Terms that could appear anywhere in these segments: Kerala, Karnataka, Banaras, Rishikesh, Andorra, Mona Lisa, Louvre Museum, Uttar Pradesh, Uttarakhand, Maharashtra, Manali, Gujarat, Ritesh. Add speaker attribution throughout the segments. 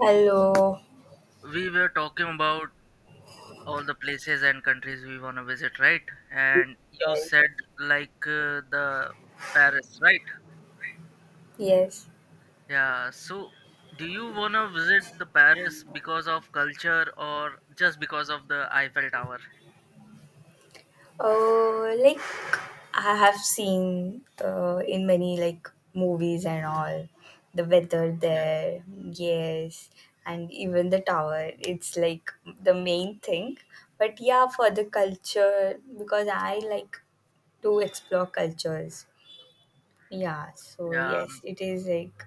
Speaker 1: Hello.
Speaker 2: We were talking about all the places and countries we want to visit, right? And you said, like, the Paris, right?
Speaker 1: Yes.
Speaker 2: Yeah, so do you want to visit the Paris because of culture or just because of the Eiffel Tower?
Speaker 1: Uh, like I have seen in many like movies and all the weather
Speaker 2: Okay.
Speaker 1: there. Yes, and even the tower. It's like the main thing. But yeah, for the culture because I like to explore cultures. Yeah. So
Speaker 2: Yeah. um,
Speaker 1: yes, it is like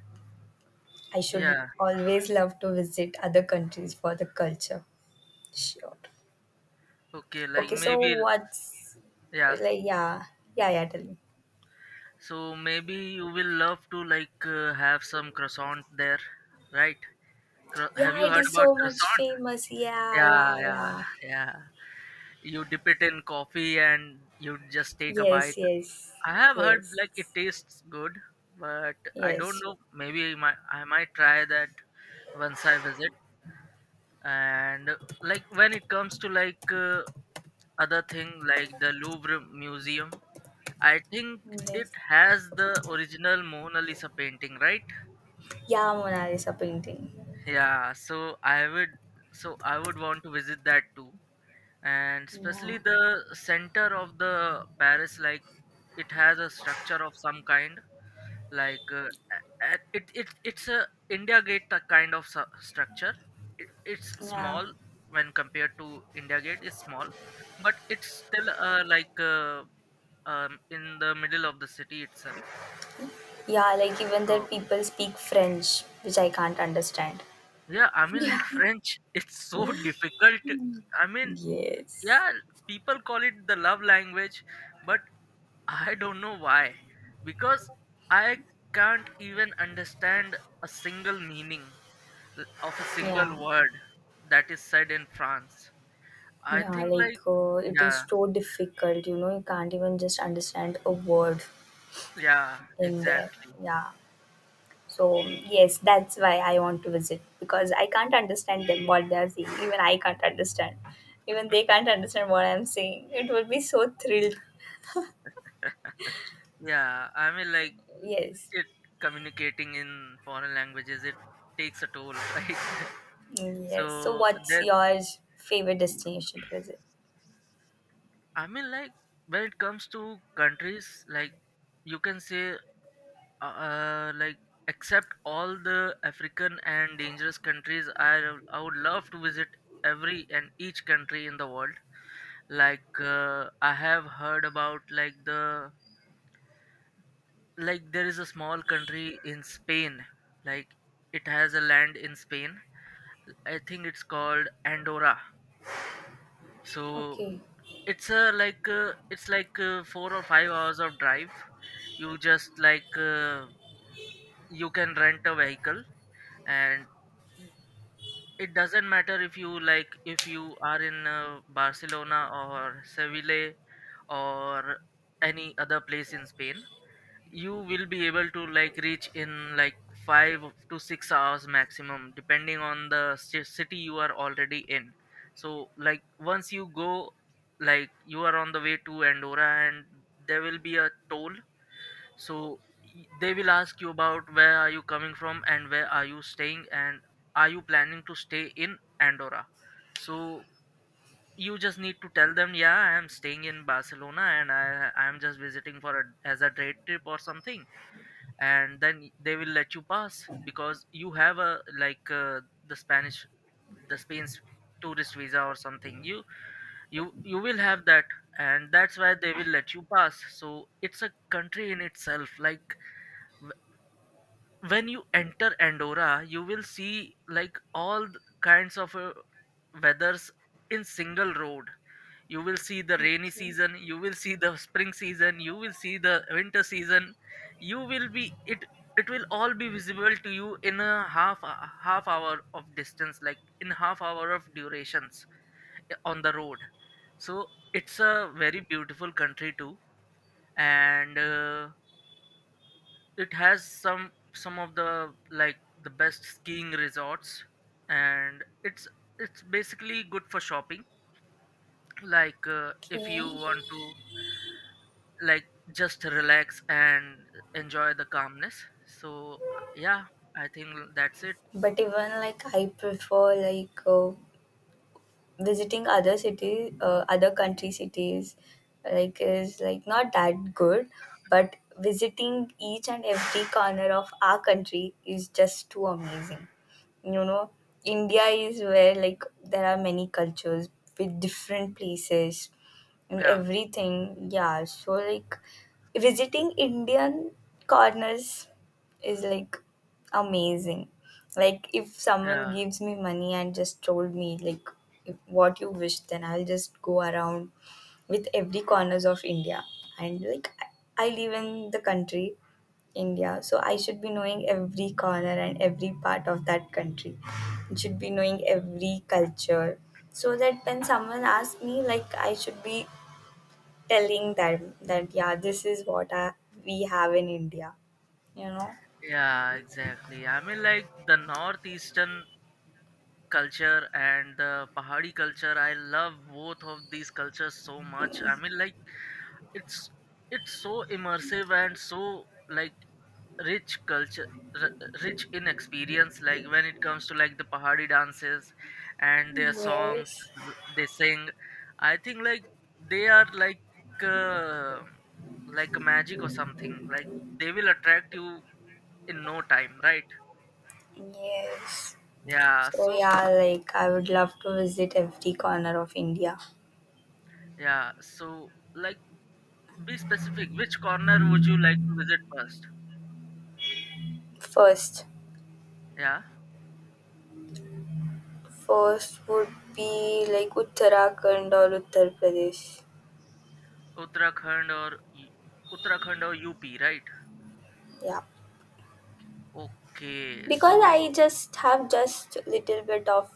Speaker 1: I should
Speaker 2: yeah
Speaker 1: always love to visit other countries for the culture. Sure.
Speaker 2: Okay, like,
Speaker 1: Okay, so
Speaker 2: maybe.
Speaker 1: what's
Speaker 2: Yeah.
Speaker 1: like yeah, yeah, yeah, tell me.
Speaker 2: So maybe you will love to, like, have some croissant there, right? Have
Speaker 1: Yeah,
Speaker 2: you
Speaker 1: it
Speaker 2: heard
Speaker 1: is
Speaker 2: about
Speaker 1: so much
Speaker 2: croissant?
Speaker 1: famous. Yeah, yeah,
Speaker 2: Yeah, yeah,
Speaker 1: yeah.
Speaker 2: yeah. You dip it in coffee and you just take a
Speaker 1: Yes,
Speaker 2: bite.
Speaker 1: yes,
Speaker 2: I have heard,
Speaker 1: yes,
Speaker 2: like, it tastes good, but I don't
Speaker 1: yes,
Speaker 2: know. Maybe I might try that once I visit. And like, when it comes to, like, other thing like the Louvre Museum, I think it
Speaker 1: yes.
Speaker 2: has the original Mona Lisa painting, right?
Speaker 1: Yeah, Mona Lisa painting.
Speaker 2: Yeah, so I would want to visit that too. And
Speaker 1: Yeah,
Speaker 2: especially the center of the Paris, like, it has a structure of some kind, like, it's a India gate kind of structure. It's
Speaker 1: yeah,
Speaker 2: small when compared to India gate. It's small, but it's still like, in the middle of the city itself.
Speaker 1: yeah. Like even there,
Speaker 2: So
Speaker 1: people speak French, which I can't understand.
Speaker 2: yeah, I mean,
Speaker 1: Yeah.
Speaker 2: like, French, it's so difficult. I mean,
Speaker 1: Yes.
Speaker 2: yeah, people call it the love language, but I don't know why. Because I can't even understand a single meaning of a single
Speaker 1: Yeah.
Speaker 2: word that is said in France. I
Speaker 1: Yeah,
Speaker 2: think, like,
Speaker 1: it is
Speaker 2: yeah,
Speaker 1: so difficult, you know, you can't even just understand a word
Speaker 2: yeah,
Speaker 1: in there.
Speaker 2: exactly.
Speaker 1: Yeah. So yes, that's why I want to visit because I can't understand them what they are saying. Even I can't understand. Even they can't understand what I'm saying. It will be so thrilled.
Speaker 2: Yeah, I mean, like,
Speaker 1: Yes.
Speaker 2: it communicating in foreign languages, it takes a toll, right?
Speaker 1: Mm, yes. So
Speaker 2: So,
Speaker 1: what's
Speaker 2: there,
Speaker 1: your favorite destination to visit?
Speaker 2: I mean, like, when it comes to countries, like, you can say, like, except all the African and dangerous countries, I would love to visit every and each country in the world. Like, I have heard about, like, the like, there is a small country in Spain, like, it has a land in Spain. I think it's called Andorra. So,
Speaker 1: Okay.
Speaker 2: it's like, 4 or 5 hours of drive. You just, like, you can rent a vehicle, and y- it doesn't matter if you, like, if you are in Barcelona or Seville or any other place in Spain. You will be able to, like, reach in, like, 5 to 6 hours maximum, depending on the city you are already in. So, like, once you go, like, you are on the way to Andorra, and there will be a toll. So, they will ask you about where are you coming from, and where are you staying, and are you planning to stay in Andorra. So you just need to tell them, yeah, I am staying in Barcelona, and I am just visiting for a as a day trip or something. And then they will let you pass, because you have a, like, the spanish the Spain's tourist visa or something. You will have that. And that's why they will let you pass, so it's a country in itself. Like, when you enter Andorra, you will see, like, all kinds of weathers in single road. You will see the rainy
Speaker 1: Okay.
Speaker 2: season, you will see the spring season, you will see the winter season. You will be it. It will all be visible to you in a half hour of distance, like, in half hour of durations, on the road. So it's a very beautiful country too, and it has some of the, like, the best skiing resorts, and it's basically good for shopping, like, if you
Speaker 1: Okay.
Speaker 2: want to, like, just relax and enjoy the calmness. So yeah, I think that's it.
Speaker 1: But even like I prefer visiting other cities, other country cities, like is like not that good, but visiting each and every corner of our country is just too amazing. You know, India is where like there are many cultures with different places and
Speaker 2: Yeah.
Speaker 1: everything. Yeah, so like visiting Indian corners is like amazing. Like if someone
Speaker 2: Yeah.
Speaker 1: gives me money and just told me like if what you wish, then I'll just go around with every corners of India. And like I live in the country, India, so I should be knowing every corner and every part of that country. I should be knowing every culture, so that when someone asks me, like I should be telling them that yeah, this is what I, we have in India. You know?
Speaker 2: Yeah, exactly. I mean, like, the northeastern culture and the pahari culture, I love both of these cultures so much. I mean, like, it's it's so immersive and so, like, rich culture, r- rich in experience. Like, when it comes to, like, the pahari dances and their songs,
Speaker 1: Yes.
Speaker 2: they sing. I think, like, they are, like, uh, like magic or something, like, they will attract you in no time, right?
Speaker 1: Yes.
Speaker 2: Yeah,
Speaker 1: So
Speaker 2: so,
Speaker 1: yeah, like I would love to visit every corner of India.
Speaker 2: yeah, so, like, be specific: which corner would you like to visit first?
Speaker 1: First,
Speaker 2: Yeah.
Speaker 1: first would be like Uttarakhand or Uttar Pradesh.
Speaker 2: Uttarakhand or y- Uttarakhand or UP, right?
Speaker 1: Yeah,
Speaker 2: Okay,
Speaker 1: because
Speaker 2: so,
Speaker 1: I just have just little bit of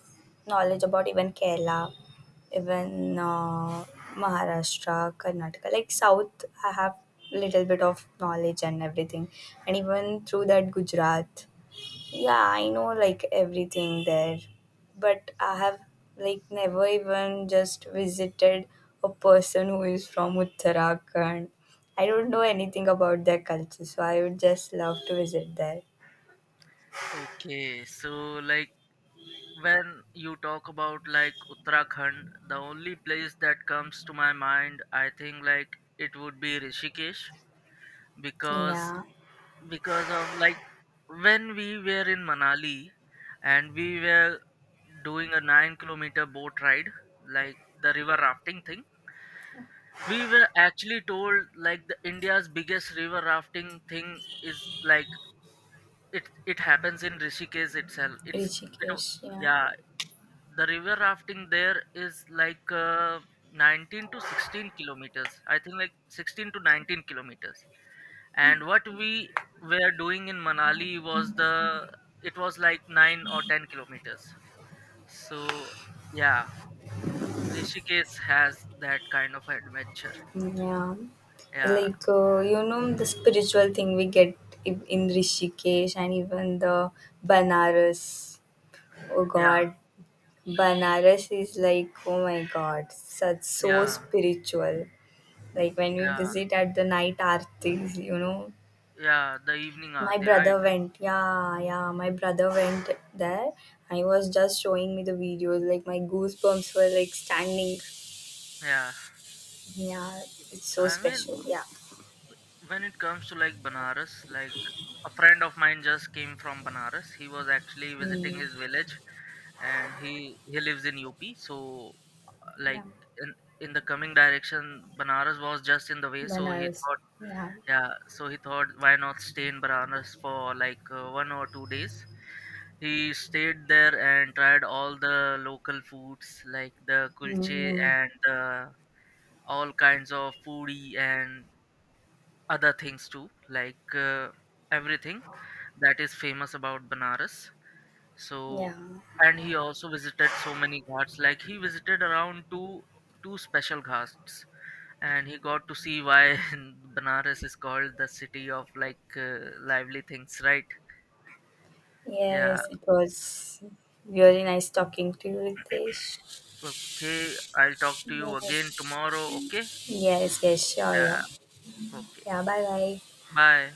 Speaker 1: knowledge about even Kerala, even Maharashtra, Karnataka, like South. I have little bit of knowledge and everything, and even through that Gujarat. Yeah, I know like everything there, but I have like never even just visited a person who is from Uttarakhand. I don't know anything about their culture, so I would just love to visit there.
Speaker 2: okay, so like, when you talk about, like, Uttarakhand, the only place that comes to my mind, I think, like, it would be Rishikesh, because
Speaker 1: Yeah,
Speaker 2: because of, like, when we were in Manali, and we were doing a 9-kilometer boat ride, like the river rafting thing. We were actually told, like, the India's biggest river rafting thing is, like, it happens in Rishikesh itself. It's it, w-
Speaker 1: Rishikesh, yeah.
Speaker 2: yeah, the river rafting there is, like, 19 to 16 kilometers. I think, like, 16 to 19 kilometers. And what we were doing in Manali was the it was like 9 or 10 kilometers. So yeah, Rishikesh has that kind of adventure.
Speaker 1: Yeah,
Speaker 2: Yeah,
Speaker 1: you know the spiritual thing we get in Rishikesh and even the Banaras. Oh
Speaker 2: yeah,
Speaker 1: God, Banaras is like, oh my god, such so
Speaker 2: yeah,
Speaker 1: spiritual. Like when we
Speaker 2: yeah,
Speaker 1: visit at the night aartis, you know.
Speaker 2: yeah. The evening
Speaker 1: My
Speaker 2: aarti, right?
Speaker 1: brother went, yeah, yeah, my brother went there. I was just showing me the videos, like my goosebumps were like standing.
Speaker 2: Yeah.
Speaker 1: Yeah, it's so
Speaker 2: I mean,
Speaker 1: special. Yeah.
Speaker 2: when it comes to, like, Banaras, like, a friend of mine just came from Banaras. He was actually visiting
Speaker 1: Mm,
Speaker 2: his village, and he lives in UP. So,
Speaker 1: yeah.
Speaker 2: like, in in the coming direction, Banaras was just in the way. So he
Speaker 1: Banaras.
Speaker 2: thought,
Speaker 1: Yeah.
Speaker 2: yeah. So he thought, why not stay in Banaras for, like, 1 or 2 days? He stayed there and tried all the local foods like the kulche
Speaker 1: Mm,
Speaker 2: and all kinds of foodie and other things too, like. Everything that is famous about Banaras.
Speaker 1: yeah.
Speaker 2: So, and he also visited so many ghats. Like he visited around two special ghats, and he got to see why Banaras is called the city of, like, lively things, right? Yeah.
Speaker 1: Yes, it was really nice talking to you, Ritesh.
Speaker 2: Okay, I'll talk to you again
Speaker 1: Yes.
Speaker 2: tomorrow. Okay.
Speaker 1: Yes, yes, sure, yeah.
Speaker 2: Yeah. Okay.
Speaker 1: Yeah, bye bye.
Speaker 2: Bye.